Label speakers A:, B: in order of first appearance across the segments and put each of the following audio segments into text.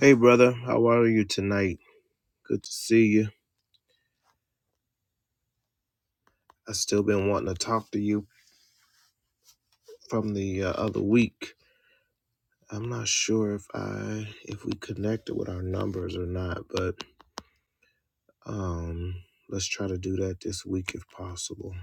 A: Hey, brother, how are you tonight? Good to see you. I still been wanting to talk to you from the uh, other week. I'm not sure if I if we connected with our numbers or not, but um, let's try to do that this week if possible.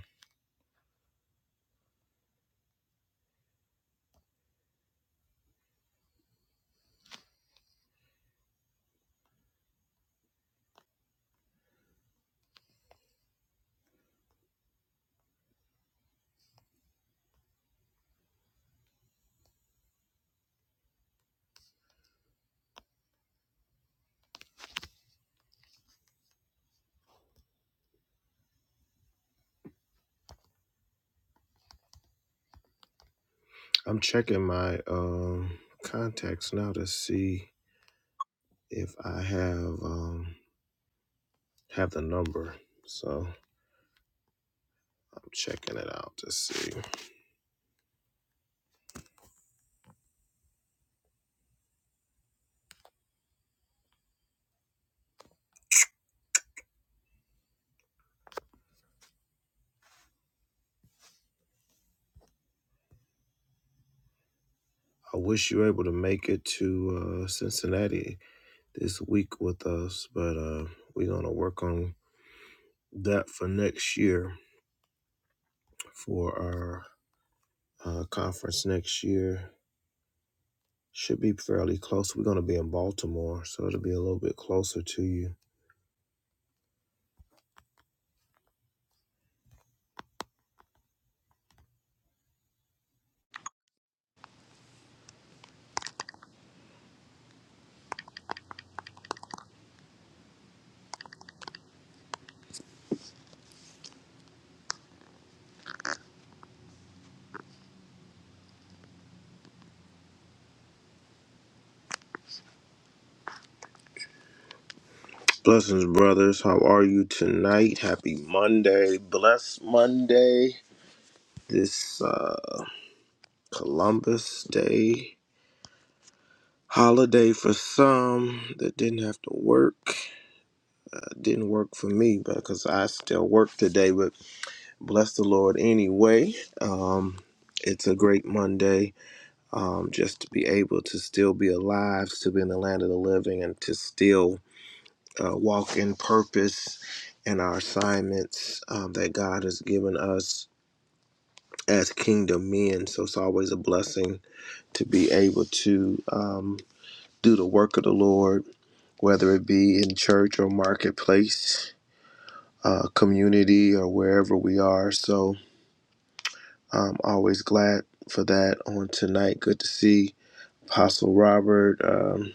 A: I'm checking my um contacts now to see if I have um have the number. So I'm checking it out to see. I wish you were able to make it to uh, Cincinnati this week with us, but uh, we're going to work on that for next year for our uh, conference next year. Should be fairly close. We're going to be in Baltimore, so it'll be a little bit closer to you. Blessings, brothers. How are you tonight? Happy Monday. Bless Monday. This uh, Columbus Day holiday for some that didn't have to work. It didn't work for me because I still work today, but. bless the Lord anyway. Um, it's a great Monday um, just to be able to still be alive, to be in the land of the living, and to still uh, walk in purpose and our assignments um, that God has given us as kingdom men. So it's always a blessing to be able to um, do the work of the Lord, whether it be in church or marketplace, uh, community, or wherever we are. So I'm always glad for that on tonight. Good to see Apostle Robert, um,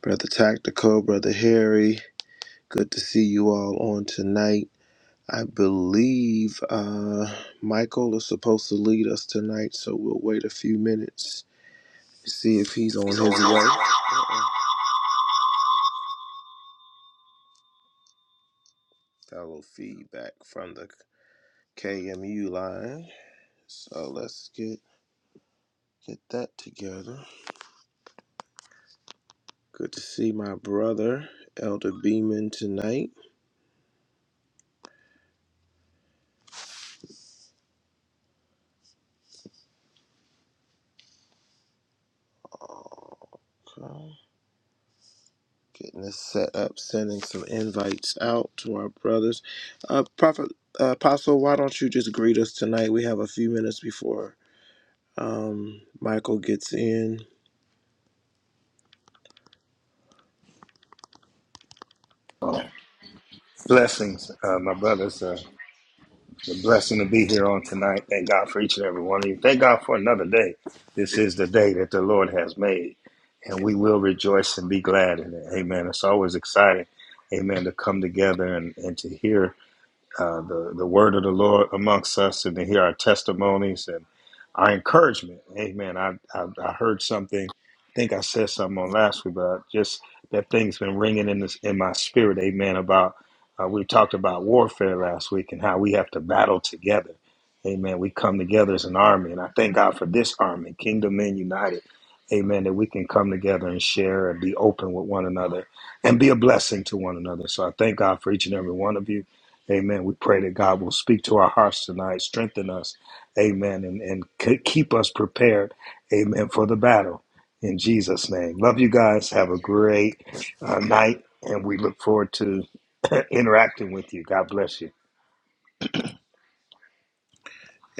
A: Brother Tactical, Brother Harry. Good to see you all on tonight. I believe uh, Michael is supposed to lead us tonight, so we'll wait a few minutes to see if he's on his way. Uh-uh. Got a little feedback from the KMU line, so let's get get that together. Good to see my brother, Elder Beeman, tonight. Okay. Getting this set up, sending some invites out to our brothers. Uh, Prophet uh, Apostle, why don't you just greet us tonight? We have a few minutes before um, Michael gets in.
B: Blessings, uh, my brothers. Uh, it's a blessing to be here on tonight. Thank God for each and every one of you. Thank God for another day. This is the day that the Lord has made, and we will rejoice and be glad in it. Amen. It's always exciting, amen, to come together and, and to hear uh, the, the word of the Lord amongst us and to hear our testimonies and our encouragement. Amen. I, I, I heard something, I think I said something on last week, but just that thing's been ringing in, this, in my spirit. Amen. About uh, we talked about warfare last week and how we have to battle together. Amen. We come together as an army, and I thank God for this army, Kingdom Men United. Amen. That we can come together and share and be open with one another and be a blessing to one another. So I thank God for each and every one of you. Amen. We pray that God will speak to our hearts tonight, strengthen us. Amen. And, and k- keep us prepared. Amen. For the battle. In Jesus' name. Love you guys. Have a great uh, night. And we look forward to interacting with you. God bless you.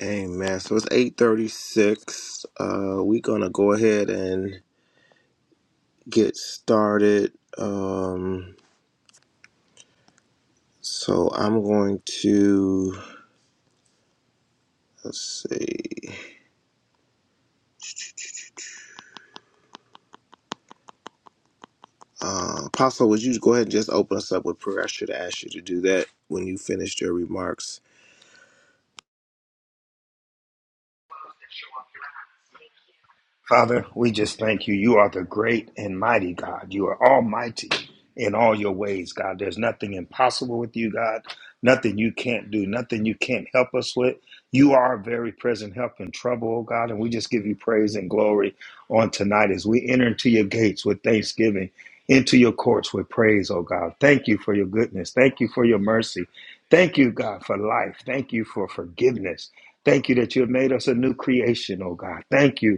A: Amen. So it's eight thirty-six. Uh, we're gonna go ahead and get started. Um, so I'm going to let's see. Uh, Apostle, would you go ahead and just open us up with prayer? I should ask you to do that when you finished your remarks.
B: Father, we just thank you. You are the great and mighty God. You are almighty in all your ways, God. There's nothing impossible with you, God. Nothing you can't do, nothing you can't help us with. You are a very present help in trouble, oh God. And we just give you praise and glory on tonight as we enter into your gates with thanksgiving, into your courts with praise, oh God. Thank you for your goodness. Thank you for your mercy. Thank you, God, for life. Thank you for forgiveness. Thank you that you have made us a new creation, oh God. Thank you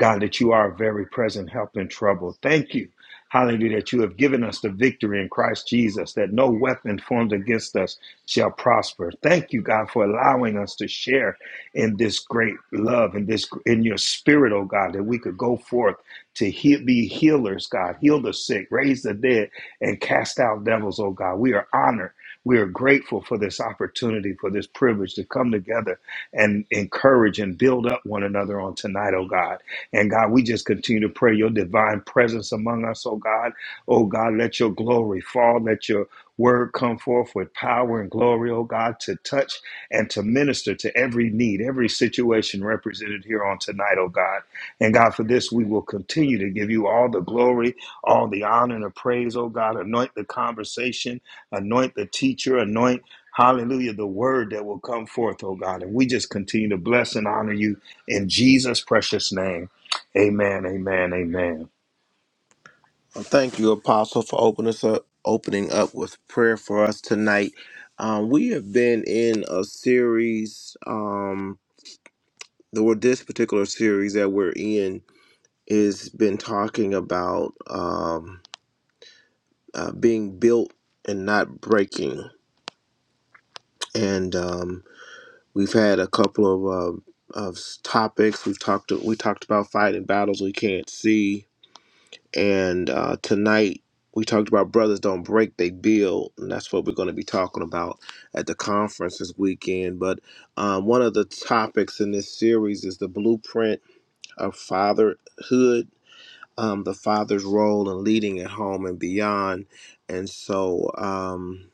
B: God, that you are a very present help in trouble. Thank you, hallelujah, that you have given us the victory in Christ Jesus, that no weapon formed against us shall prosper. Thank you, God, for allowing us to share in this great love in this in your spirit, oh God, that we could go forth to heal, be healers, God, heal the sick, raise the dead, and cast out devils, oh God. We are honored. We are grateful for this opportunity, for this privilege to come together and encourage and build up one another on tonight, oh God. And God, we just continue to pray your divine presence among us, oh God. Oh God, let your glory fall, let your word come forth with power and glory, oh God, to touch and to minister to every need, every situation represented here on tonight, oh God. And God, for this, we will continue to give you all the glory, all the honor and the praise, oh God. Anoint the conversation, anoint the teacher, anoint Hallelujah, the word that will come forth, oh God. And we just continue to bless and honor you in Jesus' precious name. Amen. Amen. Amen.
A: Well, thank you, Apostle, for opening us up, opening up with prayer for us tonight. Um, we have been in a series. Um, the word this particular series that we're in is been talking about um, uh, being built and not breaking, and um, we've had a couple of uh, of topics. We've talked we talked about fighting battles we can't see. And uh, tonight we talked about brothers don't break, they build, and that's what we're going to be talking about at the conference this weekend. But um, one of the topics in this series is the blueprint of fatherhood, um, the father's role in leading at home and beyond. And so um,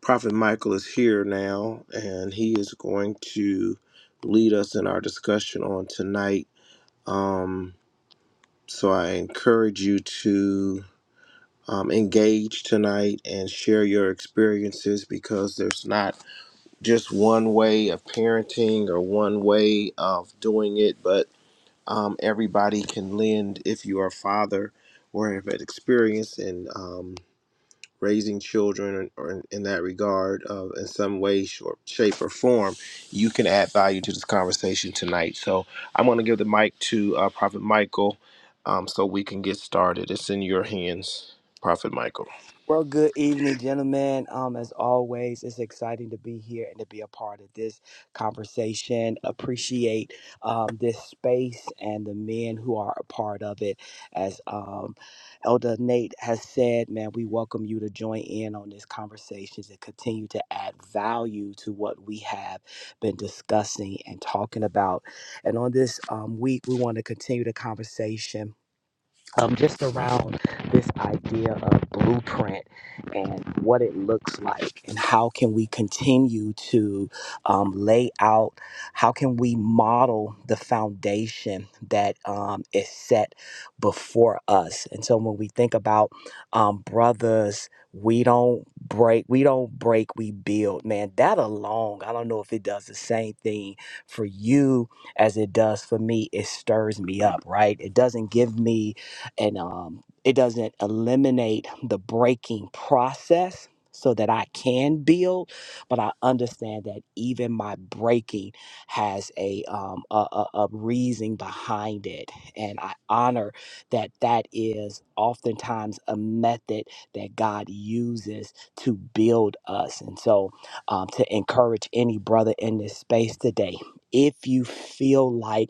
A: Prophet Michael is here now, and he is going to lead us in our discussion on tonight. Um, so I encourage you to um, engage tonight and share your experiences because there's not just one way of parenting or one way of doing it, but um, everybody can lend if you are a father or have had experience in um, raising children or in, in that regard uh, in some way, short, shape, or form. You can add value to this conversation tonight. So I'm going to give the mic to uh, Prophet Michael um, so we can get started. It's in your hands, Prophet Michael.
C: Well, good evening, gentlemen. Um, as always, it's exciting to be here and to be a part of this conversation. Appreciate um, this space and the men who are a part of it. As um, Elder Nate has said, man, we welcome you to join in on this conversation and continue to add value to what we have been discussing and talking about. And on this um, week, we want to continue the conversation um, just around this idea of blueprint and what it looks like and how can we continue to um, lay out how can we model the foundation that um, is set before us and so when we think about um, brothers we don't break we don't break we build man that alone i don't know if it does the same thing for you as it does for me it stirs me up right it doesn't give me and um, it doesn't eliminate the breaking process so that I can build, but I understand that even my breaking has a um, a, a, a reason behind it, and I honor that that is oftentimes a method that God uses to build us, and so um, to encourage any brother in this space today, if you feel like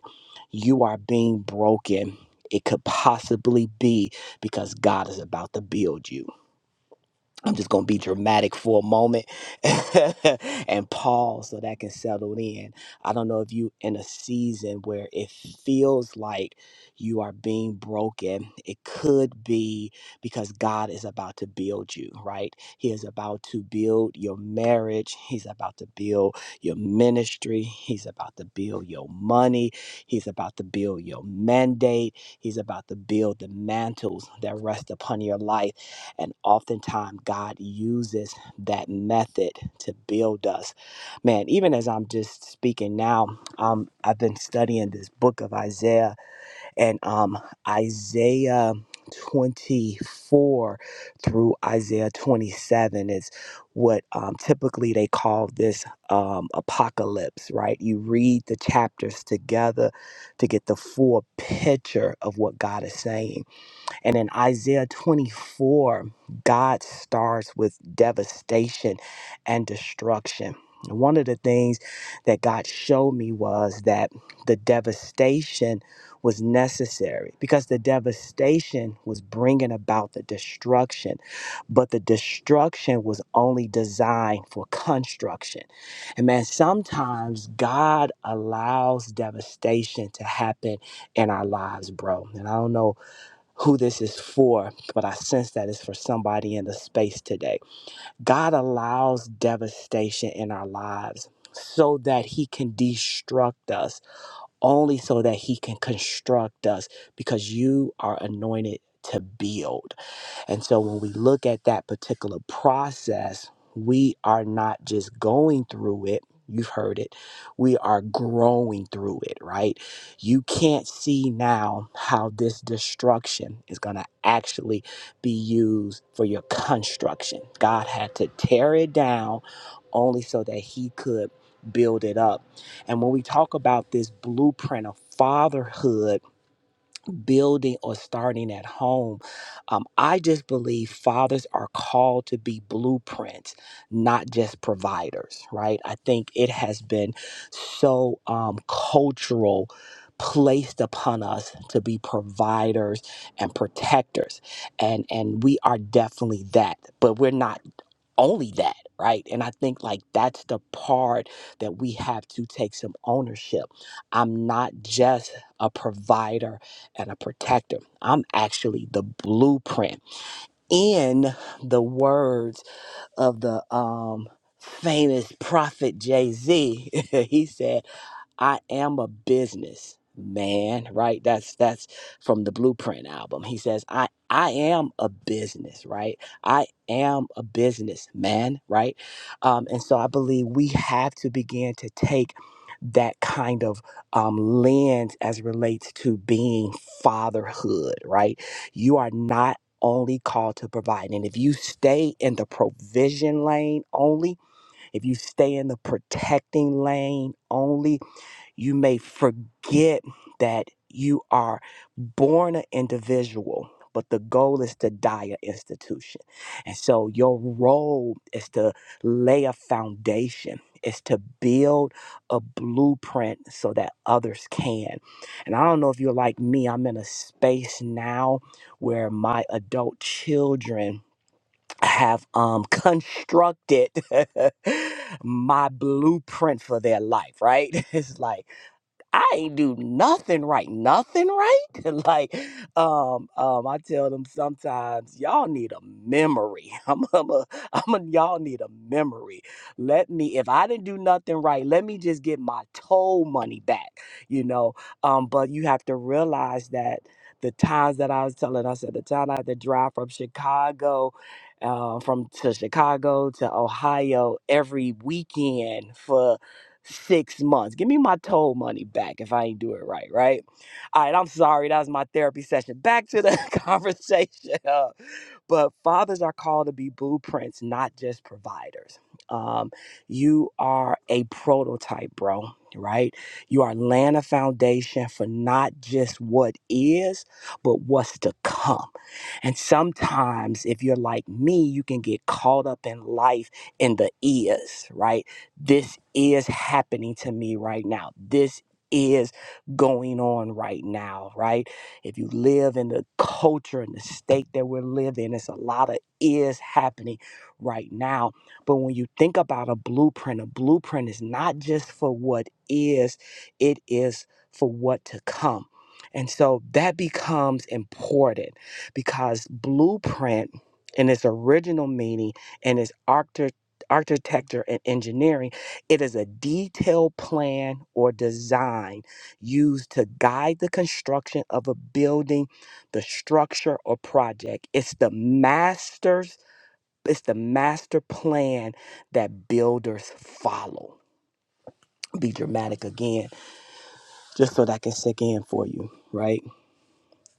C: you are being broken it could possibly be because God is about to build you. I'm just going to be dramatic for a moment and pause so that can settle in. I don't know if you in a season where it feels like you are being broken. It could be because God is about to build you, right? He is about to build your marriage. He's about to build your ministry. He's about to build your money. He's about to build your mandate. He's about to build the mantles that rest upon your life and oftentimes, God uses that method to build us. Man, even as I'm just speaking now, um, I've been studying this book of Isaiah, and um, Isaiah 24 through Isaiah 27 is what um, typically they call this um, apocalypse, right? You read the chapters together to get the full picture of what God is saying and in Isaiah 24, God starts with devastation and destruction. And One of the things that God showed me was that the devastation was necessary because the devastation was bringing about the destruction, but the destruction was only designed for construction. And man, sometimes God allows devastation to happen in our lives, bro. And I don't know who this is for, but I sense that it's for somebody in the space today. God allows devastation in our lives so that He can destruct us, only so that He can construct us, because you are anointed to build. And so when we look at that particular process, we are not just going through it. You've heard it. We are growing through it, right? You can't see now how this destruction is going to actually be used for your construction. God had to tear it down only so that He could build it up. And when we talk about this blueprint of fatherhood, building or starting at home. Um, I just believe fathers are called to be blueprints, not just providers, right? I think it has been so um, cultural. Placed upon us to be providers and protectors, and and we are definitely that, but we're not only that, right? And I think like that's the part that we have to take some ownership. I'm not just a provider and a protector, I'm actually the blueprint in the words of the um famous prophet Jay-Z. he said I am a business man, right? That's that's from the Blueprint album. He says, I I am a business, right? I am a businessman, right? Um, and so I believe we have to begin to take that kind of um, lens as relates to being fatherhood, right? You are not only called to provide. And if you stay in the provision lane only, if you stay in the protecting lane only, you may forget that you are born an individual, but the goal is to die an institution. And so your role is to lay a foundation, is to build a blueprint so that others can. And I don't know if you're like me, I'm in a space now where my adult children have um constructed my blueprint for their life, right? It's like I ain't do nothing right, nothing right. like, um, um, I tell them sometimes y'all need a memory. I'm, I'm a, I'm a, y'all need a memory. Let me, if I didn't do nothing right, let me just get my toll money back, you know. Um, but you have to realize that the times that I was telling, I said the time I had to drive from Chicago, uh, from to Chicago to Ohio every weekend for six months. Give me my toll money back if I ain't do it right, right? All right, I'm sorry. That was my therapy session. Back to the conversation. Uh, but fathers are called to be blueprints, not just providers. Um, you are a prototype, bro, right? You are laying a foundation for not just what is, but what's to come. And sometimes, if you're like me, you can get caught up in life in the is, right? This is happening to me right now. This is going on right now, right? If you live in the culture and the state that we're living, it's a lot of is happening right now. But when you think about a blueprint, a blueprint is not just for what is, it is for what to come. And so that becomes important because blueprint in its original meaning and its architect architecture and engineering it is a detailed plan or design used to guide the construction of a building, the structure or project. It's the master's it's the master plan that builders follow. Be dramatic again, just so that I can sink in for you, right?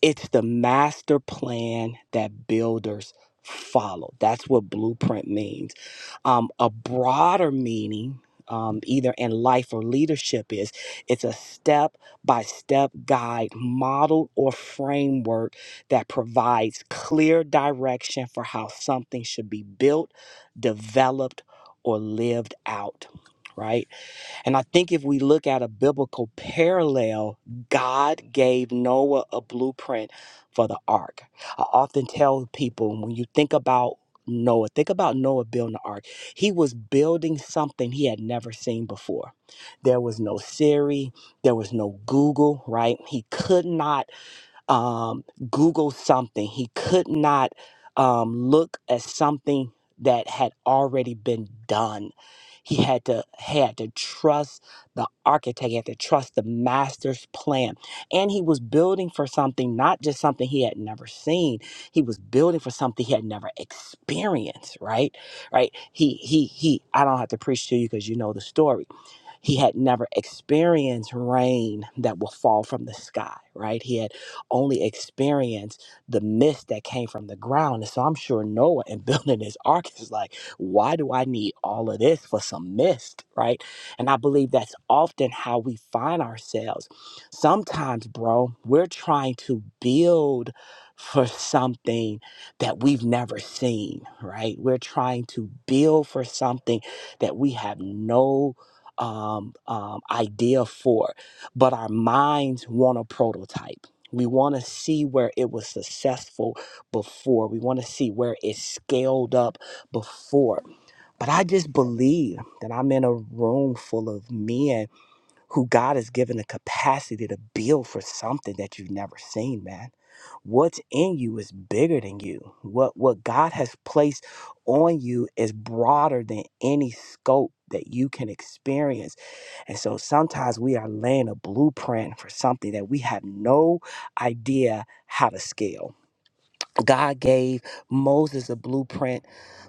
C: It's the master plan that builders follow. That's what blueprint means. Um, a broader meaning, um, either in life or leadership, is it's a step by step guide, model, or framework that provides clear direction for how something should be built, developed, or lived out, right? And I think if we look at a biblical parallel, God gave Noah a blueprint for the ark. I often tell people when you think about Noah, think about Noah building the ark. He was building something he had never seen before. There was no Siri, there was no Google, right? He could not um, Google something. He could not um, look at something that had already been done. He had to had to trust the architect. He had to trust the master's plan, and he was building for something, not just something he had never seen. He was building for something he had never experienced. Right, right. He he he. I don't have to preach to you because you know the story he had never experienced rain that will fall from the sky, right? He had only experienced the mist that came from the ground. And so I'm sure Noah, in building his ark, is like, why do I need all of this for some mist, right? And I believe that's often how we find ourselves. Sometimes, bro, we're trying to build for something that we've never seen, right? We're trying to build for something that we have no um, um, idea for, but our minds want a prototype. We want to see where it was successful before. We want to see where it scaled up before. But I just believe that I'm in a room full of men who God has given the capacity to build for something that you've never seen, man. What's in you is bigger than you. What what God has placed on you is broader than any scope that you can experience and so sometimes we are laying a blueprint for something that we have no idea how to scale. God gave Moses a blueprint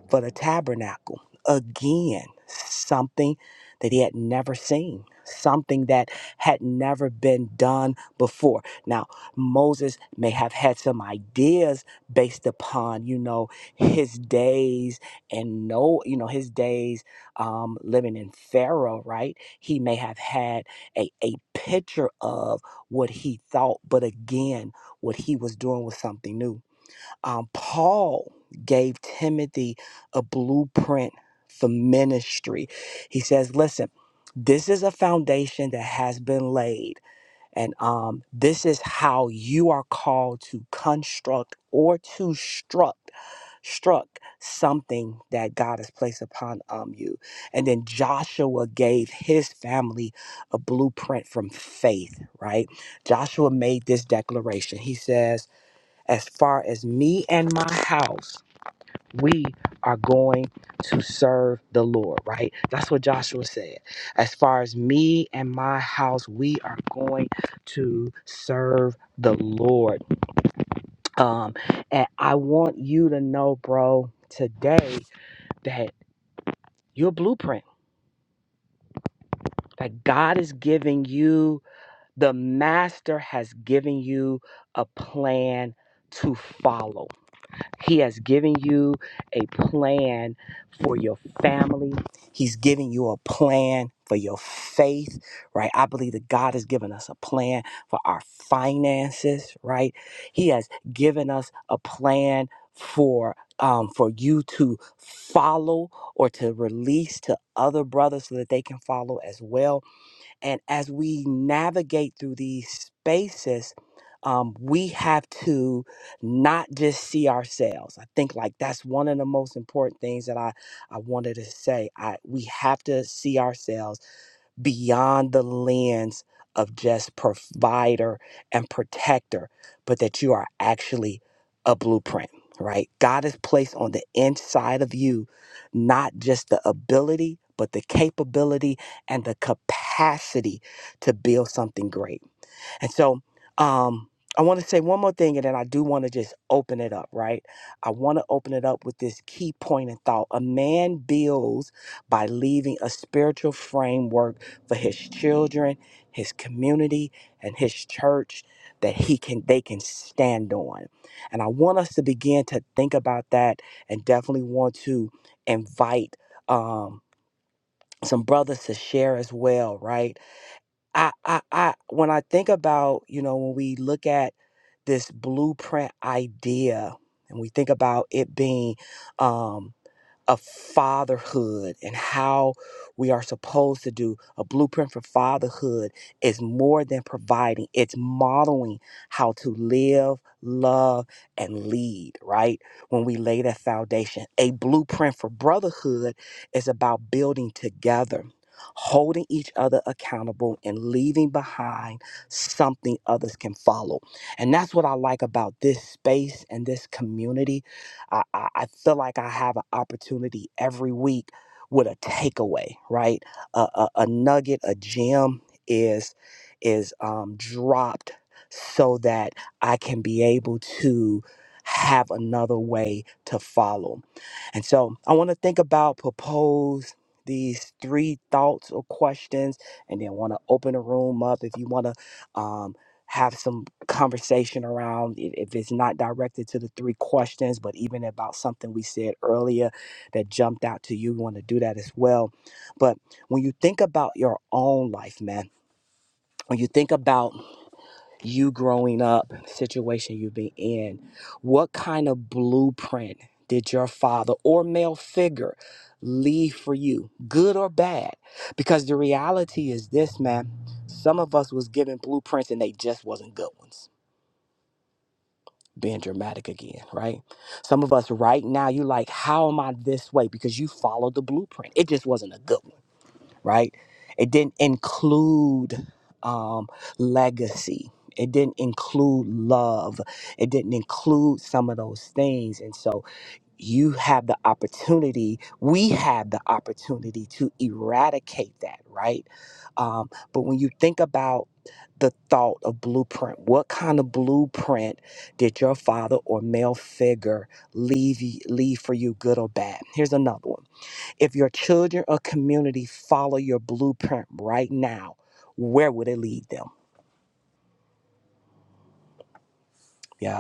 C: for the tabernacle. Again, something that he had never seen, something that had never been done before. Now, Moses may have had some ideas based upon, you know, his days and no, you know, his days um, living in Pharaoh, right? He may have had a, a picture of what he thought, but again, what he was doing was something new um, Paul gave Timothy a blueprint for ministry. He says, listen, this is a foundation that has been laid, and um, this is how you are called to construct or to struck struck something that God has placed upon um, you. And then Joshua gave his family a blueprint from faith, right? Joshua made this declaration. He says, as far as me and my house, we are going to serve the Lord, right? That's what Joshua said. As far as me and my house, we are going to serve the Lord. Um, and I want you to know, bro, today that your blueprint, that God is giving you, the master has given you a plan to follow He has given you a plan for your family. He's giving you a plan for your faith, right? I believe that God has given us a plan for our finances, right? He has given us a plan for um, for you to follow or to release to other brothers so that they can follow as well and as we navigate through these spaces, um, we have to not just see ourselves. I think like that's one of the most important things that I, I wanted to say. I we have to see ourselves beyond the lens of just provider and protector, but that you are actually a blueprint, right? God has placed on the inside of you not just the ability, but the capability and the capacity to build something great. And so um, I want to say one more thing, and then I do want to just open it up, right? I want to open it up with this key point and thought. A man builds by leaving a spiritual framework for his children, his community, and his church that he can they can stand on. And I want us to begin to think about that and definitely want to invite um some brothers to share as well, right? I, I, I, when I think about, you know, when we look at this blueprint idea and we think about it being, um, of fatherhood and how we are supposed to do a blueprint for fatherhood is more than providing it's modeling how to live love and lead right when we lay that foundation a blueprint for brotherhood is about building together holding each other accountable and leaving behind something others can follow and that's what i like about this space and this community I, I, I feel like I have an opportunity every week with a takeaway, right? A, a, a nugget, a gem is is um, dropped so that I can be able to have another way to follow. And so I want to think about propose these three thoughts or questions, and then want to open the room up if you want to have some conversation around i- if it's not directed to the three questions, but even about something we said earlier that jumped out to you. We want to do that as well. But when you think about your own life, man, when you think about you growing up, situation you've been in, what kind of blueprint did your father or male figure leave for you, good or bad? Because the reality is this, man, some of us was given blueprints and they just wasn't good ones being dramatic again, right? Some of us right now, you're like, how am I this way? Because you followed the blueprint. It just wasn't a good one, right? It didn't include um, legacy. It didn't include love. It didn't include some of those things. And so you have the opportunity, we have the opportunity to eradicate that, right? Um, but when you think about the thought of blueprint, what kind of blueprint did your father or male figure leave, y- leave for you, good or bad? Here's another one. If your children or community follow your blueprint right now, where would it lead them? Yeah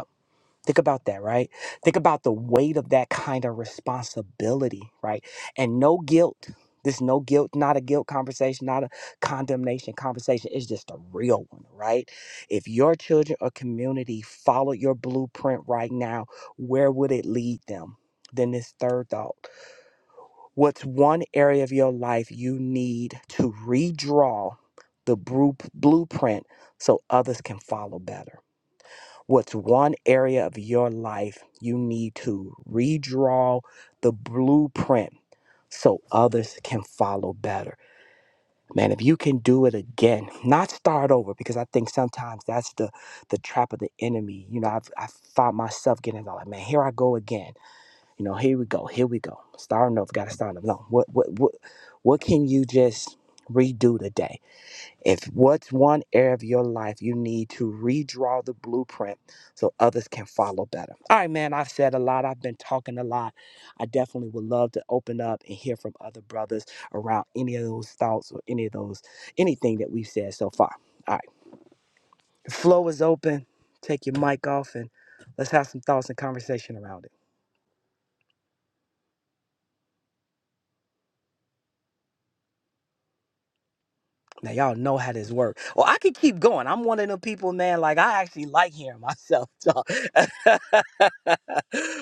C: Think about that, right? Think about the weight of that kind of responsibility, right? And no guilt. This no guilt, not a guilt conversation, not a condemnation conversation. It's just a real one, right? If your children or community followed your blueprint right now, where would it lead them? Then this third thought. What's one area of your life you need to redraw the bru- blueprint so others can follow better? What's one area of your life you need to redraw the blueprint so others can follow better? Man, if you can do it again, not start over, because I think sometimes that's the the trap of the enemy. You know, I've I find myself getting into like, man, here I go again. You know, here we go, here we go, starting over, got to start over. No, what what what what can you just redo today? If what's one area of your life you need to redraw the blueprint so others can follow better. All right, man, I've said a lot. I've been talking a lot. I definitely would love to open up and hear from other brothers around any of those thoughts or any of those, anything that we've said so far. All right, the floor is open. Take your mic off and let's have some thoughts and conversation around it. Now y'all know how this works. Well, I could keep going. I'm one of them people, man. Like I actually like hearing myself talk,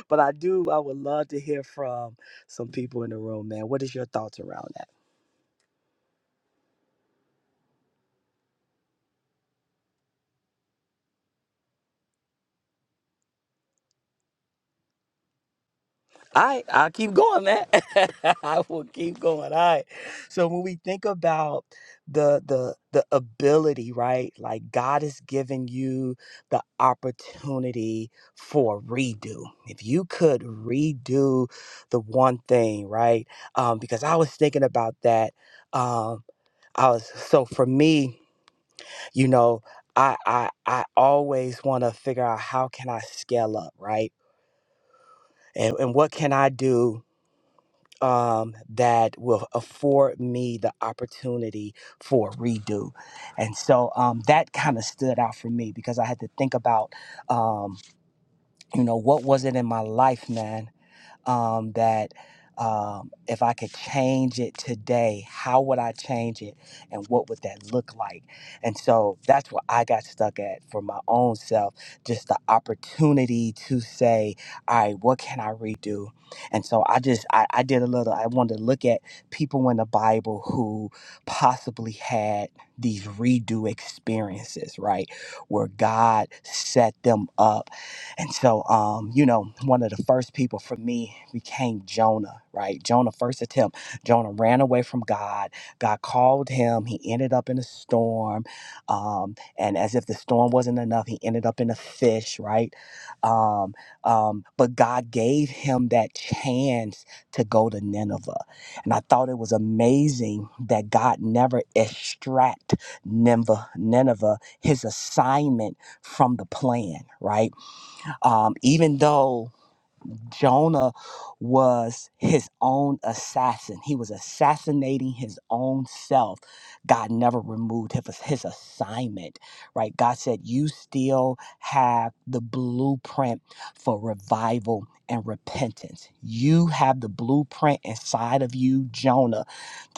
C: but I do. I would love to hear from some people in the room, man. What is your thoughts around that? All right, I'll keep going, man. I will keep going. All right. So when we think about the the the ability, right? Like God has given you the opportunity for redo. If you could redo the one thing, right? Um, because I was thinking about that. Um, I was so for me, you know, I I I always want to figure out how can I scale up, right? And and what can I do um, that will afford me the opportunity for redo. And so um, that kind of stood out for me because I had to think about, um, you know, what was it in my life, man, um, that um, if I could change it today, how would I change it and what would that look like? And so that's what I got stuck at for my own self just the opportunity to say, all right, what can I redo? And so I just, I, I did a little, I wanted to look at people in the Bible who possibly had these redo experiences, right? Where God set them up and so, um, you know, one of the first people for me became Jonah, right? Jonah, first attempt. Jonah ran away from God. God called him. He ended up in a storm. Um, and as if the storm wasn't enough, he ended up in a fish, right? Um, um, but God gave him that chance to go to Nineveh. And I thought it was amazing that God never extract Nineveh, Nineveh, his assignment from the plan, right? Um, even though Jonah was his own assassin. He was assassinating his own self. God never removed his, his assignment, right? God said, You still have the blueprint for revival and repentance. You have the blueprint inside of you, Jonah,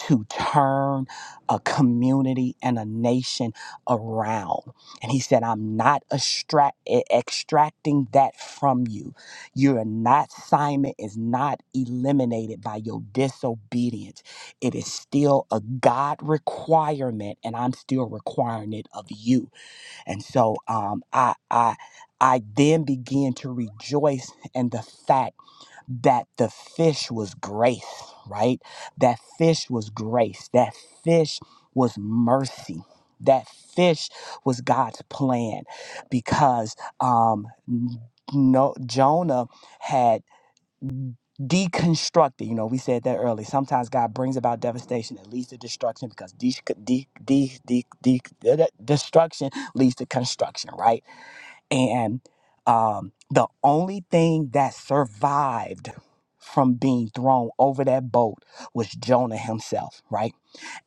C: to turn a community and a nation around. And he said, I'm not extract- extracting that from you. Your assignment is not eliminated by your disobedience. It is still a God requirement, and I'm still requiring it of you. And so um, I, I, I then began to rejoice in the fact that the fish was grace, right? That fish was grace. That fish was mercy. That fish was God's plan because um, no, Jonah had deconstructed. You know, we said that early. Sometimes God brings about devastation that leads to destruction because de- de- de- de- de- de- destruction leads to construction, right? And um, the only thing that survived from being thrown over that boat was Jonah himself, right?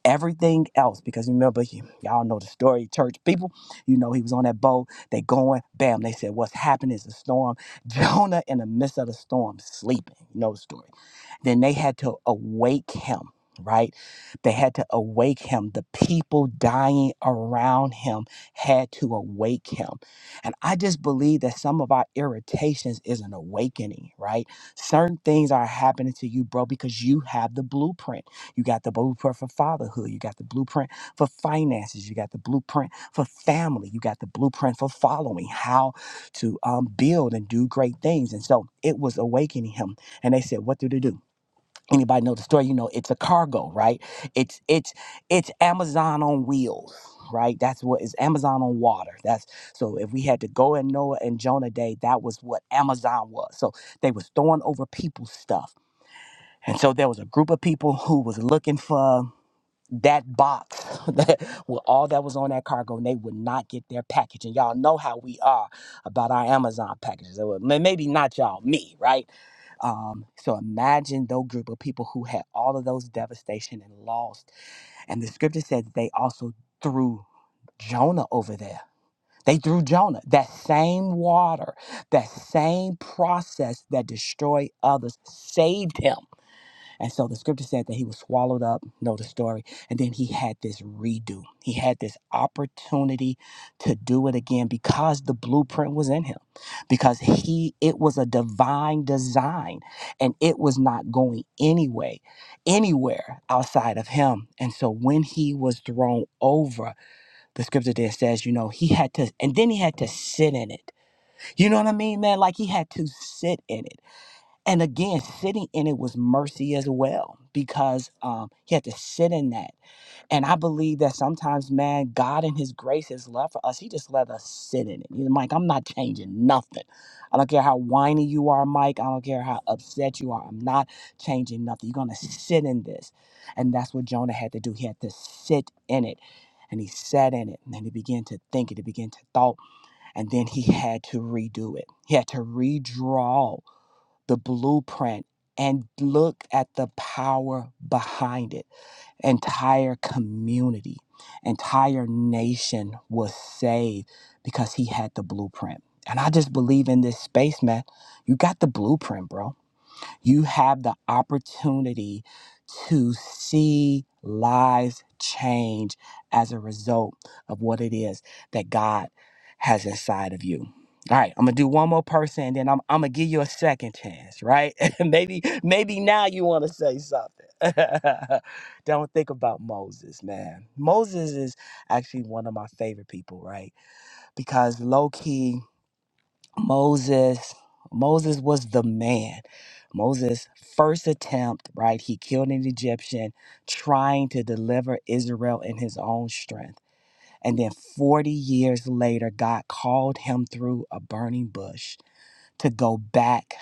C: Everything else, because remember, y- y'all know the story, church people, you know, he was on that boat, they going, bam, they said, What's happening is a storm. Jonah, in the midst of the storm, sleeping. You know the story then they had to awake him, right? They had to awake him. The people dying around him had to awake him. And I just believe that some of our irritations is an awakening, right? Certain things are happening to you, bro, because you have the blueprint. You got the blueprint for fatherhood. You got the blueprint for finances. You got the blueprint for family. You got the blueprint for following, how to um, build and do great things. And so it was awakening him. And they said, What do they do? anybody know the story you know it's a cargo right it's it's it's amazon on wheels right that's what is amazon on water that's so if we had to go in noah and jonah day that was what amazon was so they was throwing over people's stuff and so there was a group of people who was looking for that box that with all that was on that cargo and they would not get their package and y'all know how we are about our amazon packages They would- may- maybe not y'all me right um, so imagine those group of people who had all of those devastation and lost and the scripture says they also threw jonah over there they threw jonah that same water that same process that destroyed others saved him and so the scripture said that he was swallowed up, know the story. And then he had this redo. He had this opportunity to do it again because the blueprint was in him. Because he it was a divine design and it was not going anyway, anywhere outside of him. And so when he was thrown over, the scripture then says, you know, he had to and then he had to sit in it. You know what I mean, man? Like he had to sit in it and again sitting in it was mercy as well because um he had to sit in that and i believe that sometimes man god in his grace his love for us he just let us sit in it he's like i'm not changing nothing i don't care how whiny you are mike i don't care how upset you are i'm not changing nothing you're gonna sit in this and that's what jonah had to do he had to sit in it and he sat in it and then he began to think it he began to thought and then he had to redo it he had to redraw the blueprint and look at the power behind it. Entire community, entire nation was saved because he had the blueprint. And I just believe in this space, man. You got the blueprint, bro you have the opportunity to see lives change as a result of what it is that God has inside of you. All right, I'm gonna do one more person, and then I'm, I'm gonna give you a second chance, right? maybe maybe now you want to say something. Don't think about Moses, man. Moses is actually one of my favorite people, right? Because low key. Moses, Moses was the man. Moses' first attempt, right? He killed an Egyptian trying to deliver Israel in his own strength. And then 40 years later, God called him through a burning bush to go back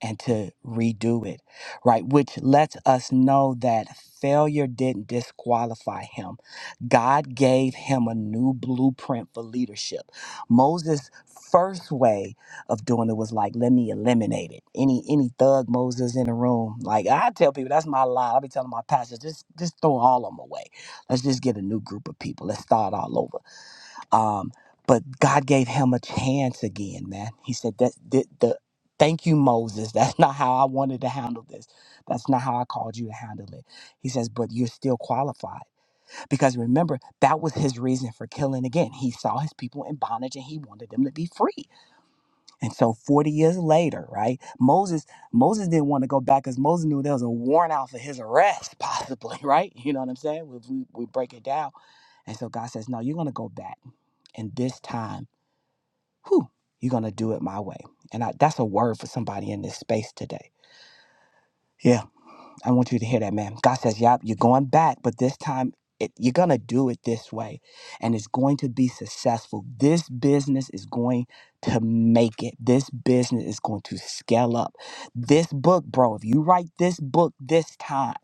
C: and to redo it, right? Which lets us know that failure didn't disqualify him. God gave him a new blueprint for leadership. Moses' first way of doing it was like, let me eliminate it. Any any thug Moses in the room, like I tell people, that's my lie. I be telling my pastors, just just throw all of them away. Let's just get a new group of people. Let's start all over. Um, but God gave him a chance again, man. He said that the, the thank you, Moses. That's not how I wanted to handle this. That's not how I called you to handle it. He says, but you're still qualified because remember that was his reason for killing again. He saw his people in bondage and he wanted them to be free. And so 40 years later, right? Moses Moses didn't want to go back because Moses knew there was a warrant out for his arrest, possibly, right? You know what I'm saying? If we, we break it down. And so God says, no, you're going to go back. And this time whew, you're going to do it my way. And I, that's a word for somebody in this space today. Yeah, I want you to hear that, man. God says, yep, you're going back, but this time it, you're going to do it this way and it's going to be successful. This business is going to make it. This business is going to scale up. This book, bro, if you write this book this time,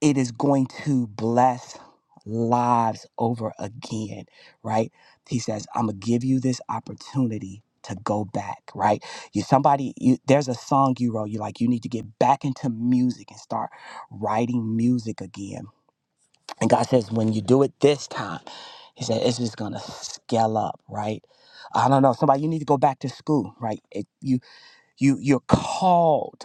C: it is going to bless lives over again, right? He says, I'm gonna give you this opportunity to go back, right? You somebody you there's a song you wrote, you like you need to get back into music and start writing music again. And God says, when you do it this time, he said, it's just gonna scale up, right? I don't know. Somebody, you need to go back to school, right? It, you you you're called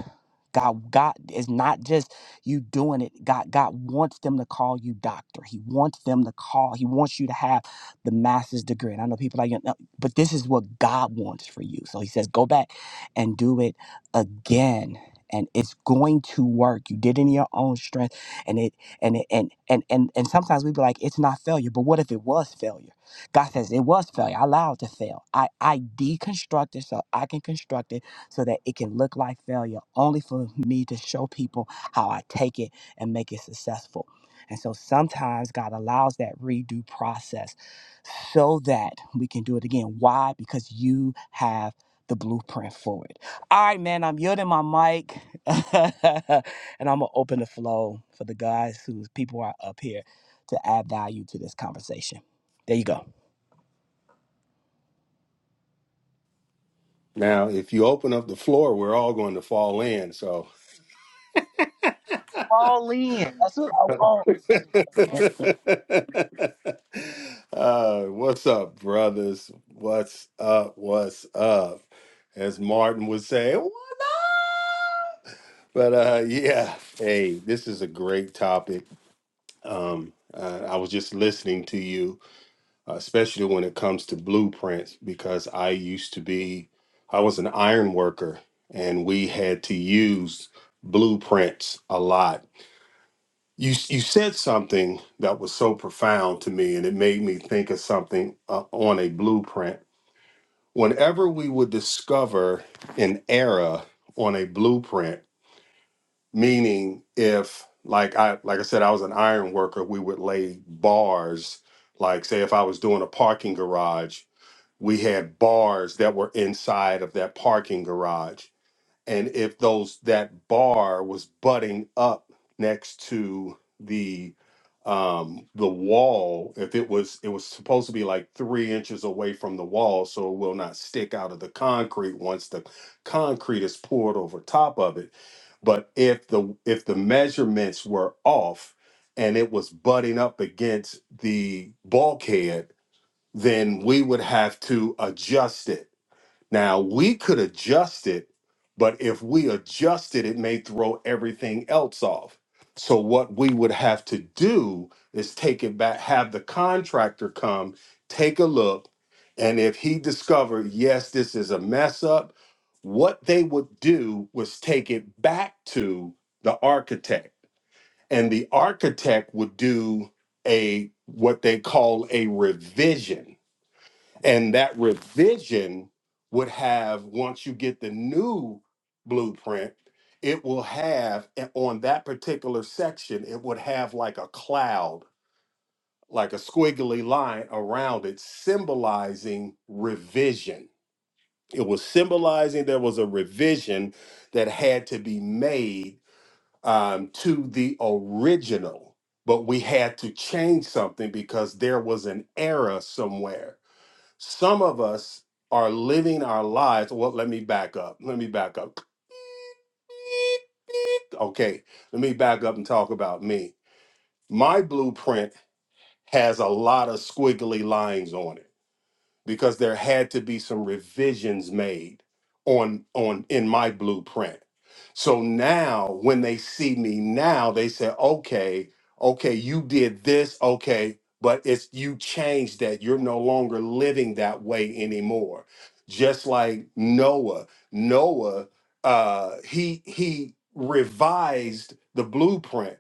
C: god god is not just you doing it god god wants them to call you doctor he wants them to call he wants you to have the master's degree and i know people are like "No," no," but this is what god wants for you so he says go back and do it again and it's going to work you did it in your own strength and it and it and and and, and sometimes we be like it's not failure but what if it was failure god says it was failure i allowed it to fail i i deconstructed so i can construct it so that it can look like failure only for me to show people how I take it and make it successful. And so sometimes God allows that redo process so that we can do it again. Why? Because you have the blueprint for it. All right, man, I'm yielding my mic and I'm gonna open the flow for the guys whose people are up here to add value to this conversation. There you go.
D: Now, if you open up the floor, we're all going to fall in. So,
C: All in. That's what I want.
D: uh, what's up, brothers? What's up? What's up? As Martin would say, what? But uh, yeah, hey, this is a great topic. Um, uh, I was just listening to you, uh, especially when it comes to blueprints, because I used to be, I was an iron worker, and we had to use blueprints a lot you s- you said something that was so profound to me and it made me think of something uh, on a blueprint whenever we would discover an era on a blueprint meaning if like i like i said i was an iron worker we would lay bars like say if i was doing a parking garage we had bars that were inside of that parking garage and if those that bar was butting up next to the um the wall if it was it was supposed to be like three inches away from the wall so it will not stick out of the concrete once the concrete is poured over top of it but if the if the measurements were off and it was butting up against the bulkhead then we would have to adjust it now we could adjust it, but if we adjust it, it may throw everything else off. So what we would have to do is take it back, have the contractor come, take a look, and if he discovered, yes, this is a mess up, what they would do was take it back to the architect. And the architect would do a what they call a revision and that revision would have, once you get the new blueprint, it will have a- on that particular section, it would have like a cloud, like a squiggly line around it, symbolizing revision. It was symbolizing there was a revision that had to be made um, to the original, but we had to change something because there was an error somewhere some of us are living our lives. Well, let me back up. Let me back up. Okay, let me back up and talk about me. My blueprint has a lot of squiggly lines on it. because there had to be some revisions made on on in my blueprint. So now when they see me now, they say, okay, okay, you did this, okay, but it's you changed that. You're no longer living that way anymore. Just like Noah. Noah, uh, he he revised the blueprint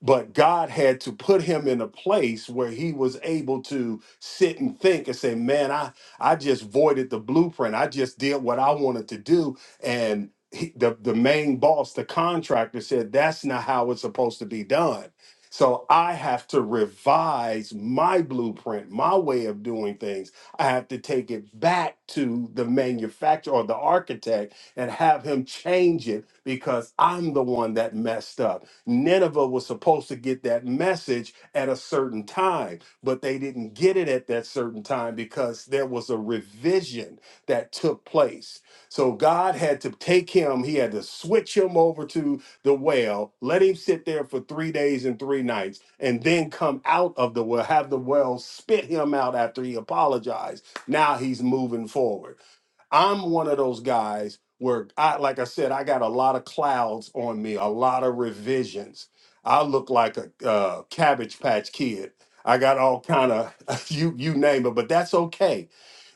D: but God had to put him in a place where he was able to sit and think and say, "Man, I I just voided the blueprint. I just did what I wanted to do." And he, the the main boss, the contractor, said, "That's not how it's supposed to be done." So I have to revise my blueprint, my way of doing things. I have to take it back to the manufacturer or the architect and have him change it because I'm the one that messed up. Nineveh was supposed to get that message at a certain time, but they didn't get it at that certain time because there was a revision that took place. So God had to take him, he had to switch him over to the well, let him sit there for three days and three nights, and then come out of the well, have the well spit him out after he apologized. Now he's moving forward. I'm one of those guys where I like I said, I got a lot of clouds on me, a lot of revisions. I look like a uh, cabbage patch kid. I got all kind of you you name it, but that's okay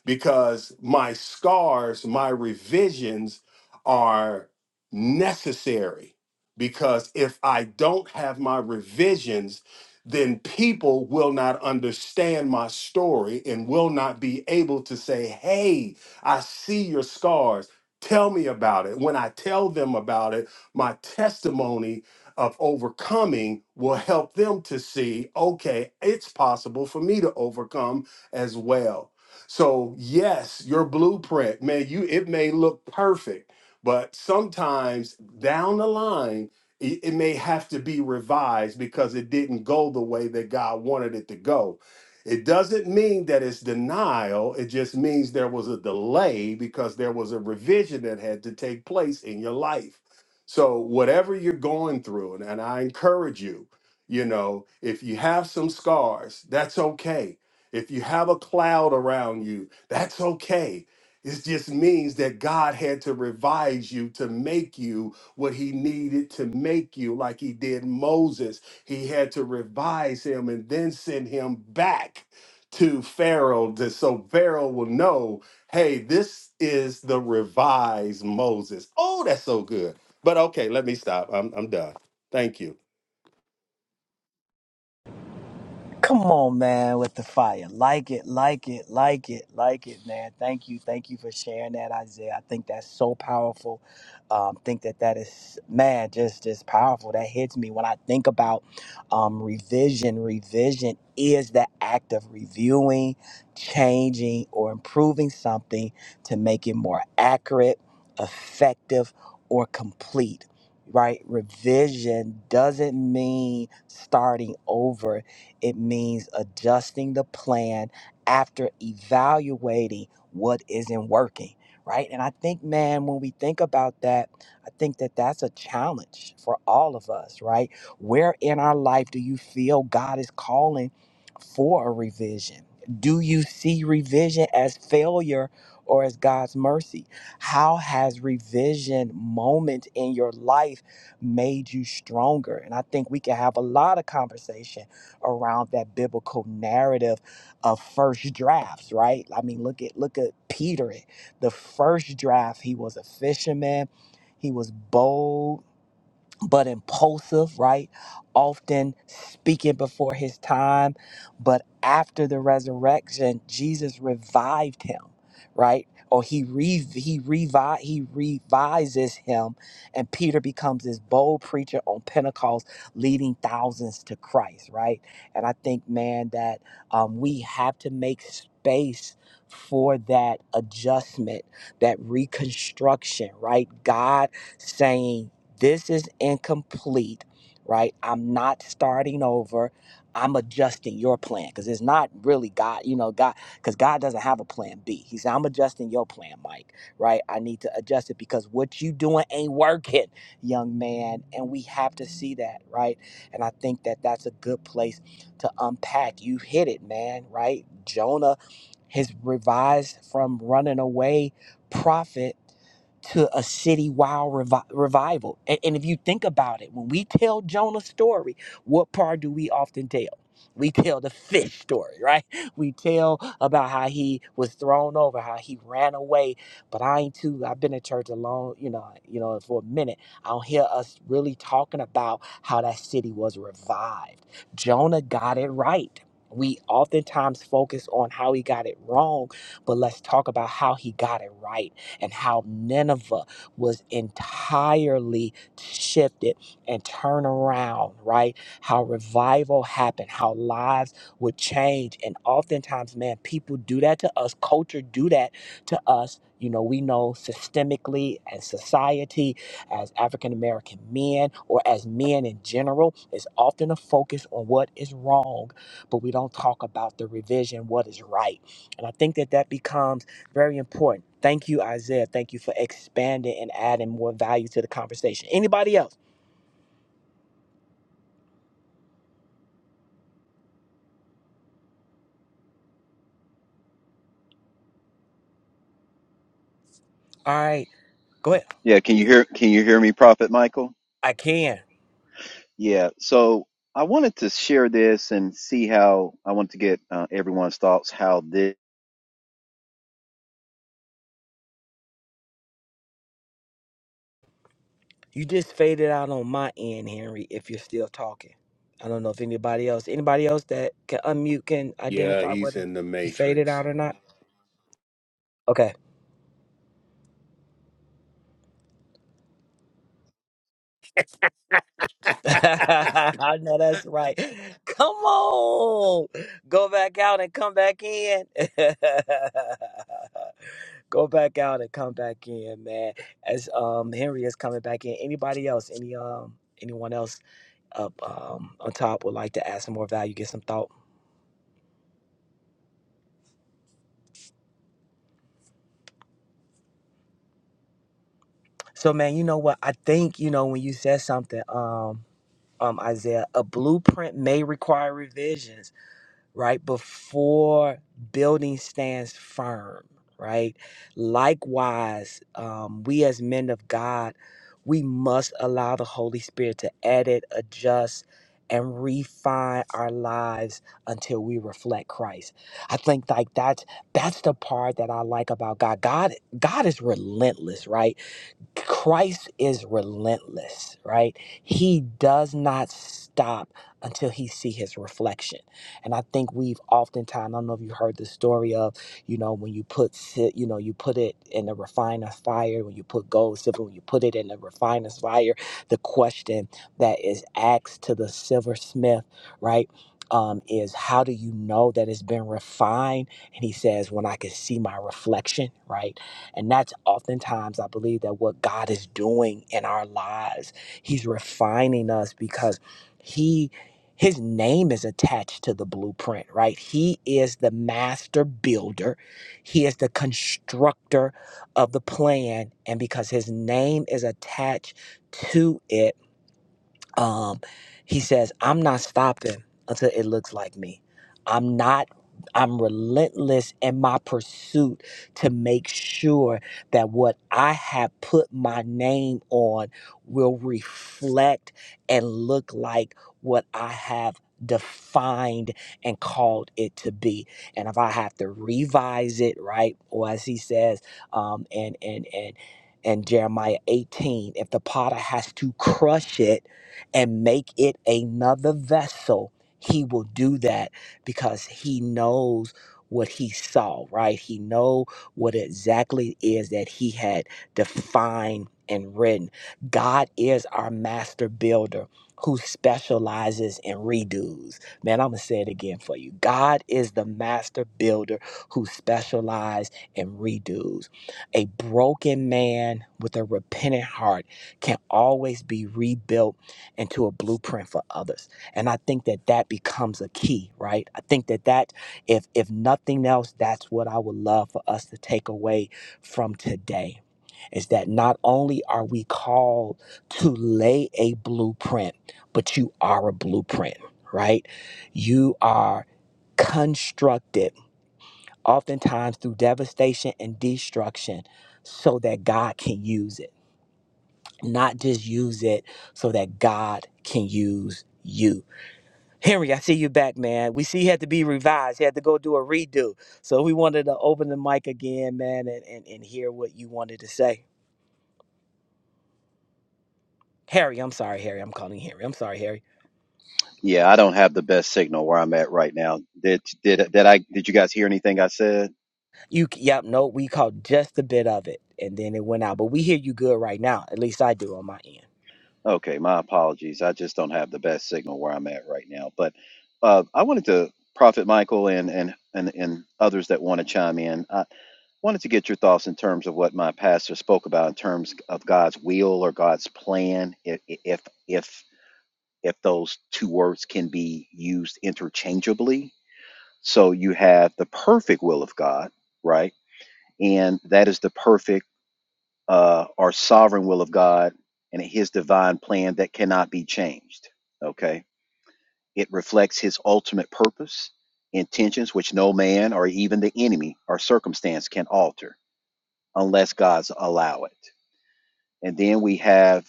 D: because my scars, my revisions are necessary. Because if I don't have my revisions, then people will not understand my story and will not be able to say, Hey, I see your scars. Tell me about it. When I tell them about it, my testimony of overcoming will help them to see, okay, it's possible for me to overcome as well. So yes, your blueprint, man, you it may look perfect, but sometimes down the line, it, it may have to be revised because it didn't go the way that God wanted it to go. It doesn't mean that it's denial. It just means there was a delay because there was a revision that had to take place in your life. So, whatever you're going through, and, and I encourage you, you know, if you have some scars, that's okay if you have a cloud around you, that's okay. It just means that God had to revise you to make you what he needed to make you, like he did Moses. He had to revise him and then send him back to Pharaoh to, so Pharaoh will know hey, this is the revised Moses. Oh, that's so good. But okay, let me stop. I'm, I'm done. Thank you.
C: Come on, man, with the fire. Like it, like it, like it, like it, man. Thank you. Thank you for sharing that, Isaiah. I think that's so powerful. Um, think that that is, man, just, just powerful. That hits me when I think about um, revision. Revision is the act of reviewing, changing, or improving something to make it more accurate, effective, or complete. Right? Revision doesn't mean starting over it means adjusting the plan after evaluating what isn't working, right? And I think, man, when we think about that, I think that that's a challenge for all of us, right? Where in our life do you feel God is calling for a revision? Do you see revision as failure or as God's mercy? How has revision moment in your life made you stronger? And I think we can have a lot of conversation around that biblical narrative of first drafts, right? I mean, look at look at Peter. The first draft, he was a fisherman. He was bold but impulsive, right? Often speaking before his time. But after the resurrection, Jesus revived him, right? Or he re- he revi- he revises him, and Peter becomes this bold preacher on Pentecost, leading thousands to Christ, right? And I think, man, that um, we have to make space for that adjustment, that reconstruction, right? God saying. This is incomplete, right? I'm not starting over. I'm adjusting your plan because it's not really God, you know, God, because God doesn't have a plan B. He said, I'm adjusting your plan, Mike, right? I need to adjust it because what you doing ain't working, young man. And we have to see that, right? And I think that that's a good place to unpack. You hit it, man, right? Jonah, his revised from running away prophet to a citywide revi- revival. And, and if you think about it, when we tell Jonah's story, what part do we often tell? We tell the fish story, right? We tell about how he was thrown over, how he ran away. But I ain't too. I've been in church a long, you know, you know, for a minute. I don't hear us really talking about how that city was revived. Jonah got it right. We oftentimes focus on how he got it wrong, but let's talk about how he got it right and how Nineveh was entirely shifted and turned around, right? How revival happened, how lives would change. And oftentimes, man, people do that to us, culture do that to us. You know, we know systemically as society, as African American men, or as men in general, is often a focus on what is wrong, but we don't talk about the revision, what is right. And I think that that becomes very important. Thank you, Isaiah. Thank you for expanding and adding more value to the conversation. Anybody else? All right, go ahead.
E: Yeah, can you hear can you hear me, Prophet Michael?
C: I can.
E: Yeah. So I wanted to share this and see how I want to get uh, everyone's thoughts. How this?
C: You just faded out on my end, Henry. If you're still talking, I don't know if anybody else, anybody else that can unmute can
D: Yeah,
C: identify
D: he's
C: whether
D: in the
C: he faded
D: matrix.
C: out or not. Okay. I know that's right. Come on. Go back out and come back in. Go back out and come back in, man. As um Henry is coming back in. Anybody else? Any um anyone else up um on top would like to add some more value, get some thought. So man, you know what? I think, you know, when you said something, um um Isaiah, a blueprint may require revisions right? Before building stands firm, right? Likewise, um, we as men of God, we must allow the Holy Spirit to edit, adjust, and refine our lives until we reflect Christ. I think like that's that's the part that I like about God. God God is relentless, right? Christ is relentless, right? He does not stop until he see his reflection. And I think we've oftentimes, I don't know if you heard the story of, you know, when you put, si- you know, you put it in the refiner's fire, when you put gold, silver, when you put it in the refiner's fire, the question that is asked to the silversmith, right? Um, is how do you know that it's been refined? And he says, when I can see my reflection, right? And that's oftentimes, I believe, that what God is doing in our lives, He's refining us because He his name is attached to the blueprint, right? He is the master builder. He is the constructor of the plan. And because his name is attached to it, um, he says, I'm not stopping until it looks like me. I'm not, I'm relentless in my pursuit to make sure that what I have put my name on will reflect and look like what I have defined and called it to be and if i have to revise it right or as he says um and and and and jeremiah 18 if the potter has to crush it and make it another vessel, he will do that because he knows what he saw, right? He know what exactly it is that he had defined and written. God is our master builder who specializes in redos. Man, I'm going to say it again for you. God is the master builder who specializes in redos. A broken man with a repentant heart can always be rebuilt into a blueprint for others and i think that that becomes a key right i think that that if if nothing else that's what i would love for us to take away from today is that not only are we called to lay a blueprint but you are a blueprint right you are constructed oftentimes through devastation and destruction so that god can use it not just use it so that god can use you Henry, I see you back, man. We see you had to be revised. You had to go do a redo. So we wanted to open the mic again, man, and, and, and hear what you wanted to say. Harry, I'm sorry, Harry. I'm calling you Henry. I'm sorry, Harry.
E: Yeah, I don't have the best signal where I'm at right now. Did did did I did you guys hear anything I said?
C: You, yep, no, we caught just a bit of it, and then it went out. But we hear you good right now. At least I do on my end.
E: Okay, my apologies. I just don't have the best signal where I'm at right now. But uh, I wanted to Prophet Michael and and and and others that want to chime in. I wanted to get your thoughts in terms of what my pastor spoke about in terms of God's will or God's plan. If if if if those two words can be used interchangeably. So you have the perfect will of God, right? And that is the perfect uh, or sovereign will of God and his divine plan that cannot be changed. Okay. It reflects his ultimate purpose, intentions, which no man or even the enemy or circumstance can alter unless God's allow it. And then we have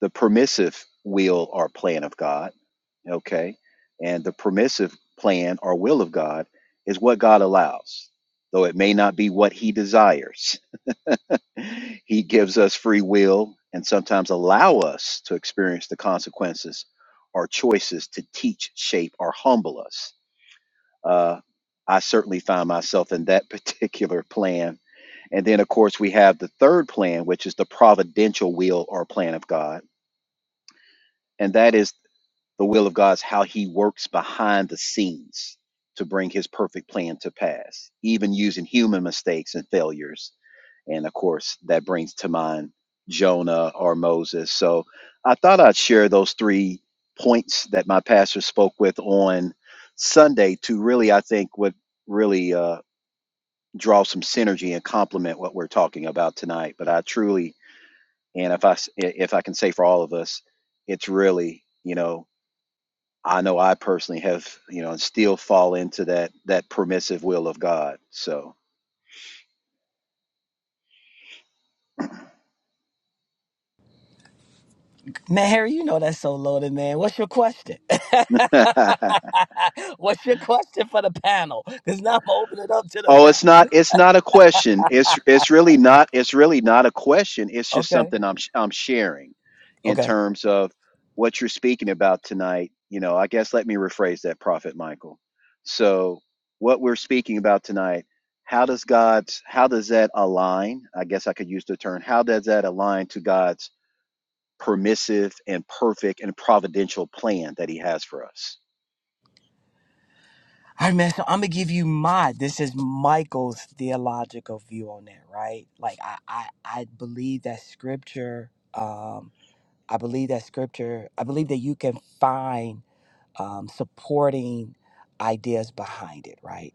E: the permissive will or plan of God okay? And the permissive plan or will of God is what God allows, though it may not be what He desires. He gives us free will and sometimes allow us to experience the consequences or choices to teach, shape, or humble us. Uh, I certainly find myself in that particular plan. And then, of course, we have the third plan, which is the providential will or plan of God. And that is the will of God's how he works behind the scenes to bring his perfect plan to pass, even using human mistakes and failures. And of course, that brings to mind Jonah or Moses. So I thought I'd share those three points that my pastor spoke with on Sunday to really, I think, would really uh, draw some synergy and complement what we're talking about tonight. But I truly, and if I s- if I can say for all of us, it's really, you know, I know I personally have, you know, and still fall into that that permissive will of God. So,
C: Man, Harry, you know that's so loaded, man. What's your question?
E: oh,
C: What's your question for the panel? Because now I'm opening it up to the
E: it's
C: panel.
E: not it's not a question. It's it's really not it's really not a question. It's just
C: Okay.
E: something I'm sh- I'm sharing in
C: Okay.
E: terms of what you're speaking about tonight. You know, I guess let me rephrase that, Prophet Michael. So, what we're speaking about tonight, how does God's how does that align? I guess I could use the term. How does that align to God's permissive and perfect and providential plan that he has for us.
C: All right, man. So I'm gonna give you my. This is Michael's theological view on that, right? Like I, I, I believe that scripture. Um, I believe that scripture. I believe that you can find um, supporting ideas behind it, right?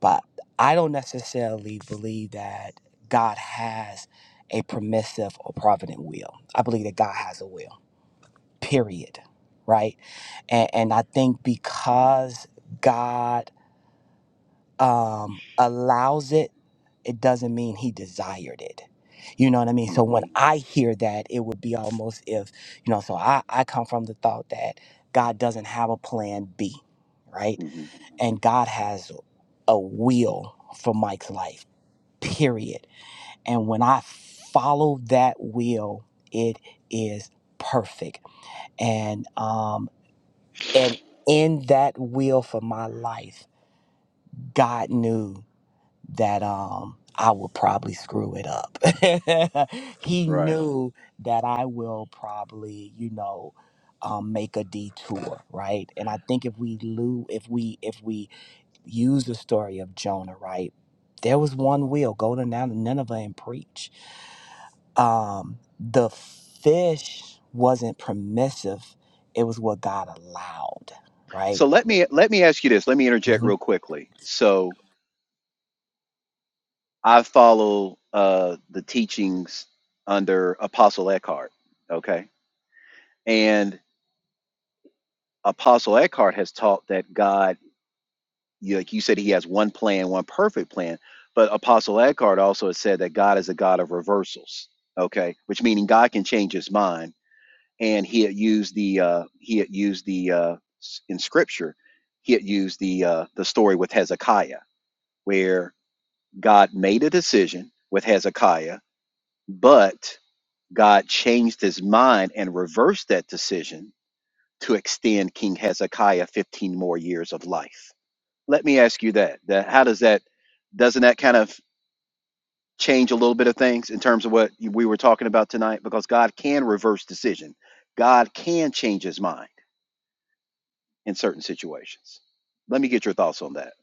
C: But I don't necessarily believe that God has a permissive or provident will. I believe that God has a will. Period. Right? And, and I think because God um, allows it, it doesn't mean he desired it. You know what I mean? So when
E: hmm
C: I hear that, it would be almost if, you know, so I, I come from the thought that God doesn't have a plan B, right?
E: hmm
C: And God has a will for Mike's life, period. And when I follow that will, it is perfect. And um and in that will for my life, God knew that um I would probably screw it up. he
E: Right.
C: knew that I will probably, you know, um, make a detour, right? And I think if we lose, if we if we use the story of Jonah, right? There was one will go to Nin- Nineveh and preach. Um, the fish wasn't permissive; it was what God allowed, right?
E: So let me let me ask you this. Let me interject real quickly. So I follow uh, the teachings under Apostle Eckhart. Okay. And Apostle Eckhart has taught that God, you- like you said, he has one plan, one perfect plan. But Apostle Eckhart also has said that God is a God of reversals. Okay, which meaning God can change His mind, and he had used the uh, he had used the uh, s- in Scripture, he had used the uh, the story with Hezekiah, where God made a decision with Hezekiah, but God changed His mind and reversed that decision to extend King Hezekiah 15 more years of life. Let me ask you that. that how does that, doesn't that kind of change a little bit of things in terms of what we were talking about tonight? Because God can reverse decision, God can change his mind in certain situations. Let me get your thoughts on that.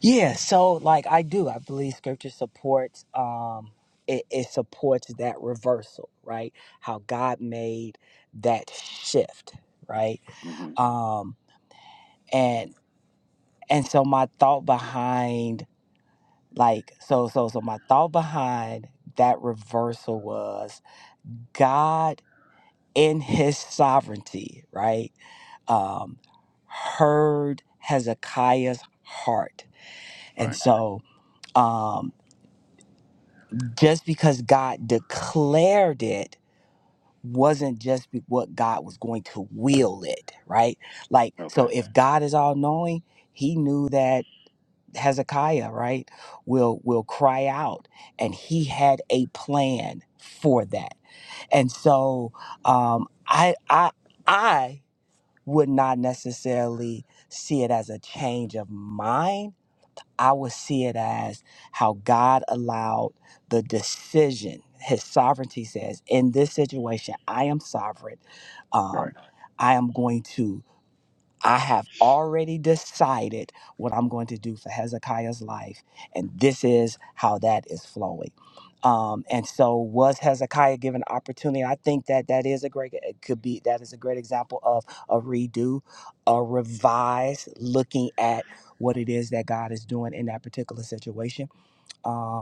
C: Yeah, so like I do, I believe scripture supports um it, it supports that reversal, right? How God made that shift, right?
E: hmm
C: Um and and so my thought behind like so so so my thought behind that reversal was God in his sovereignty, right? Um heard Hezekiah's heart. And
E: Right.
C: so um, just because God declared it wasn't just be- what God was going to will it, right? Like, so
E: Okay.
C: if God is all knowing, he knew that Hezekiah, right, will will cry out and he had a plan for that. And so um I I I would not necessarily see it as a change of mind I would see it as how God allowed the decision. His sovereignty says, in this situation, I am sovereign.
E: All
C: Um,
E: Right.
C: I am going to I have already decided what I'm going to do for Hezekiah's life, and this is how that is flowing. Um, and so, was Hezekiah given opportunity? I think that that is a great, it could be that is a great example of a redo, a revise, looking at what it is that God is doing in that particular situation. Um,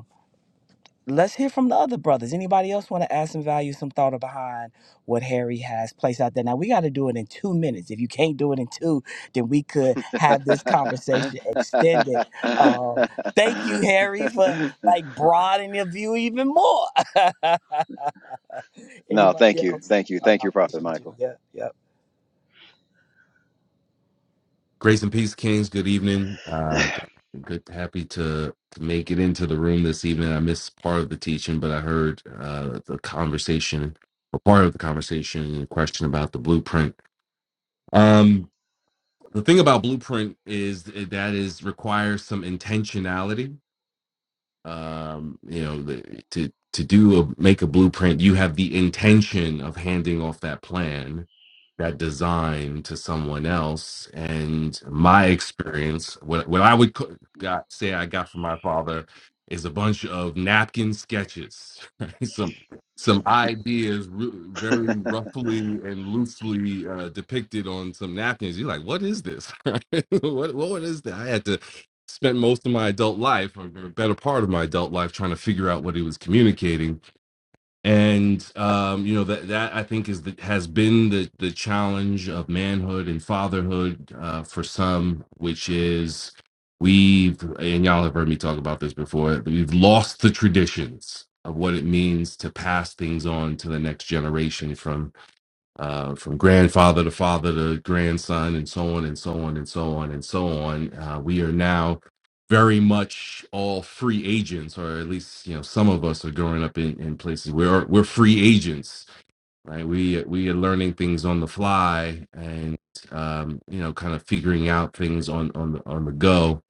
C: let's hear from the other brothers. Anybody else want to add some value, some thought behind what Harry has placed out there? Now we got to do it in two minutes. If you can't do it in two, then we could have this conversation extended. Uh, thank you, Harry, for like broadening your view even more.
E: no,
C: Anybody
E: thank you.
C: else?
E: Thank you.
C: No, no,
E: Thank
C: I
E: you, Prophet
C: appreciate you.
E: Michael.
C: Yeah, yeah.
F: Grace and peace, Kings. Good evening. Uh, good, happy to, to make it into the room this evening. I missed part of the teaching, but I heard uh, the conversation or part of the conversation and question about the blueprint. Um, the thing about blueprint is eh, that is requires some intentionality um, you know, the, to to do a make a blueprint, you have the intention of handing off that plan, that design to someone else. And my experience, what what I would co- got, say I got from my father, is a bunch of napkin sketches, right? some some ideas ru- very roughly and loosely uh, depicted on some napkins. You're like, what is this? what what is that? I had to spent most of my adult life or a better part of my adult life trying to figure out what he was communicating and um you know that that i think is the has been the the challenge of manhood and fatherhood uh for some which is we've and y'all have heard me talk about this before we've lost the traditions of what it means to pass things on to the next generation from uh, from grandfather to father to grandson, and so on and so on and so on and so on. Uh, we are now very much all free agents, or at least you know some of us are growing up in, in places where we're free agents, right? We we are learning things on the fly, and um, you know, kind of figuring out things on on the on the go.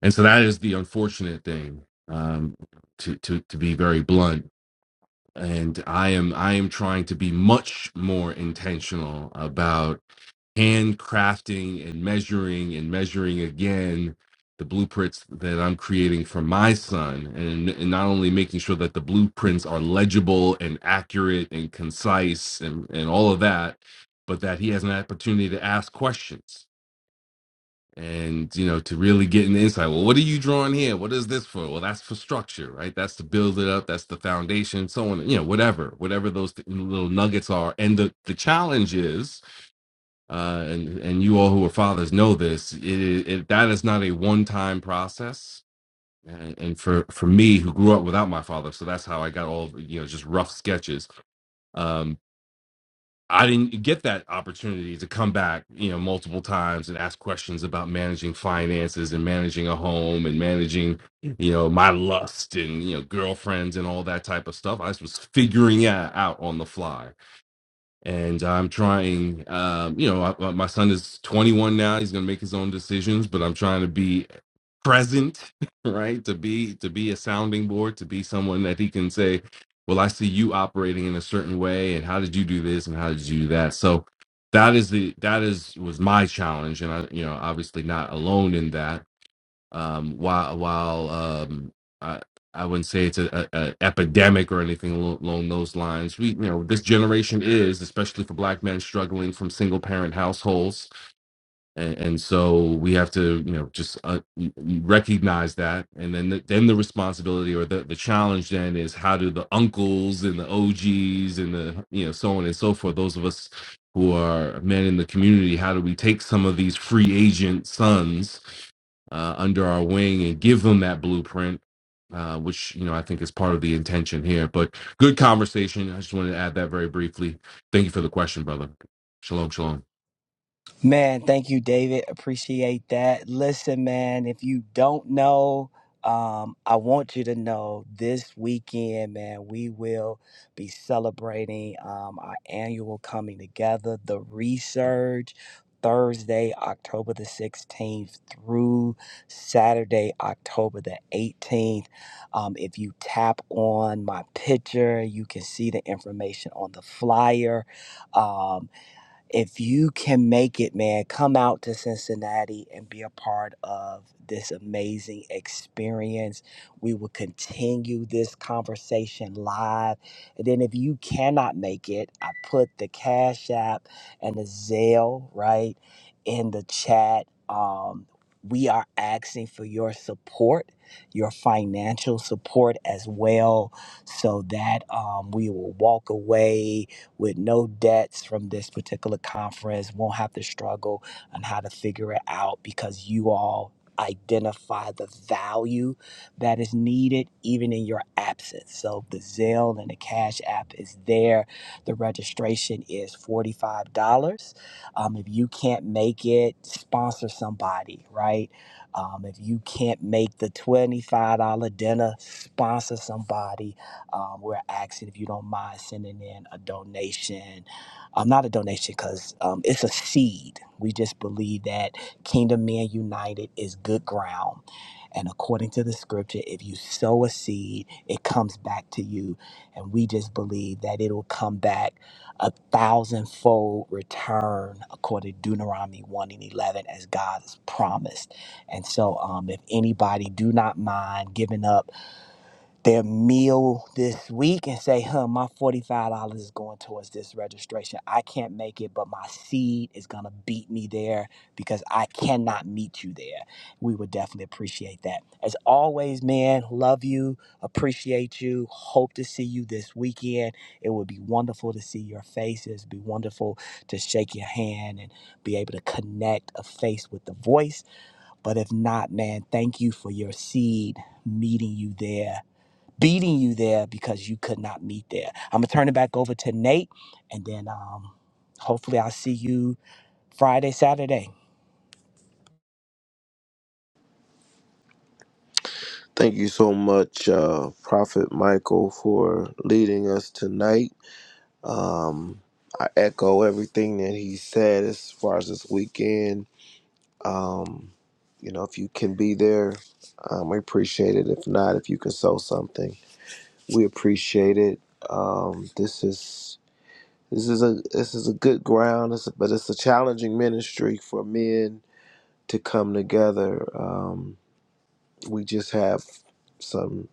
F: And so that is the unfortunate thing. Um, to to to be very blunt, and i am i am trying to be much more intentional about handcrafting and measuring and measuring again the blueprints that i'm creating for my son and, and not only making sure that the blueprints are legible and accurate and concise and, and all of that but that he has an opportunity to ask questions and you know to really get an insight well what are you drawing here what is this for well that's for structure right that's to build it up that's the foundation so on you know whatever whatever those th- little nuggets are and the the challenge is uh and and you all who are fathers know this it, it that is not a one time process and, and for for me who grew up without my father so that's how i got all of, you know just rough sketches Um, I didn't get that opportunity to come back, you know, multiple times and ask questions about managing finances and managing a home and managing, you know, my lust and you know girlfriends and all that type of stuff. I just was figuring it out on the fly, and I'm trying. Um, you know, I, uh, my son is 21 now; he's going to make his own decisions, but I'm trying to be present right to be to be a sounding board to be someone that he can say well i see you operating in a certain way and how did you do this and how did you do that so that is the that is was my challenge and i you know obviously not alone in that um while while um i i wouldn't say it's a, a, a epidemic or anything alo- along those lines we you know this generation is especially for black men struggling from single parent households and, and so we have to you know just uh, y- y- recognize that and then the, then the responsibility or the, the challenge then is how do the uncles and the og's and the you know so on and so forth those of us who are men in the community how do we take some of these free agent sons uh, under our wing and give them that blueprint uh, which you know i think is part of the intention here but good conversation i just wanted to add that very briefly thank you for the question brother shalom shalom
C: Man, thank you, David. Appreciate that. Listen, man, if you don't know, um, I want you to know this weekend, man, we will be celebrating um, our annual coming together, the resurge. Thursday, October the 16th through Saturday, October the 18th. Um, if you tap on my picture, you can see the information on the flyer. Um, if you can make it, man, come out to Cincinnati and be a part of this amazing experience. We will continue this conversation live. And then if you cannot make it, I put the Cash App and the Zelle, right, in the chat. Um, we are asking for your support, your financial support as well, so that um, we will walk away with no debts from this particular conference, won't have to struggle on how to figure it out because you all identify the value that is needed even in your absence. So the Zelle and the Cash App is there. The registration is $45. Um, if you can't make it, sponsor somebody, right? Um, if you can't make the $25 dinner, sponsor somebody um, we're asking if you don't mind sending in a donation. Um, not a donation because um, it's a seed. We just believe that Kingdom Men United is good ground. And according to the scripture, if you sow a seed, it comes back to you. And we just believe that it'll come back a thousandfold return, according to Deuteronomy 1 and 11, as God has promised. And so, um, if anybody do not mind giving up their meal this week and say, huh, my $45 is going towards this registration. I can't make it, but my seed is going to beat me there because I cannot meet you there. We would definitely appreciate that. As always, man, love you, appreciate you, hope to see you this weekend. It would be wonderful to see your faces, be wonderful to shake your hand and be able to connect a face with the voice. But if not, man, thank you for your seed meeting you there beating you there because you could not meet there. I'm gonna turn it back over to Nate, and then um, hopefully I'll see you Friday, Saturday.
A: Thank you so much, uh, Prophet Michael, for leading us tonight. Um, I echo everything that he said as far as this weekend. You know, if you can be there, um, we appreciate it. If not, if you can sow something, we appreciate it. Um, this is this is a this is a good ground, it's a, but it's a challenging ministry for men to come together. Um, we just have some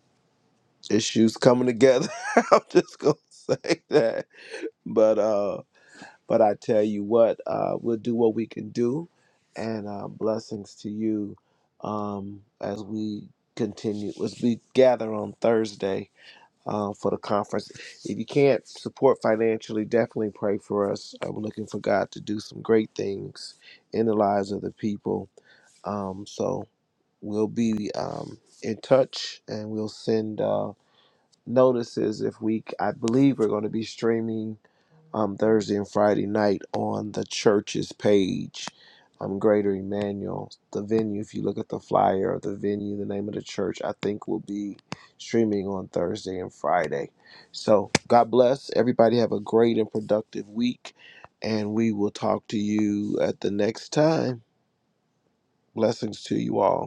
A: issues coming together. I'm just gonna say that. But uh but I tell you what, uh we'll do what we can do and uh blessings to you um as we continue as we gather on Thursday uh, for the conference. If you can't support financially, definitely pray for us. Uh, we're looking for God to do some great things in the lives of the people. Um so we'll be um in touch and we'll send uh notices if we i believe we're going to be streaming um thursday and friday night on the church's page um greater emmanuel the venue if you look at the flyer of the venue the name of the church i think will be streaming on thursday and friday so god bless everybody have a great and productive week and we will talk to you at the next time blessings to you all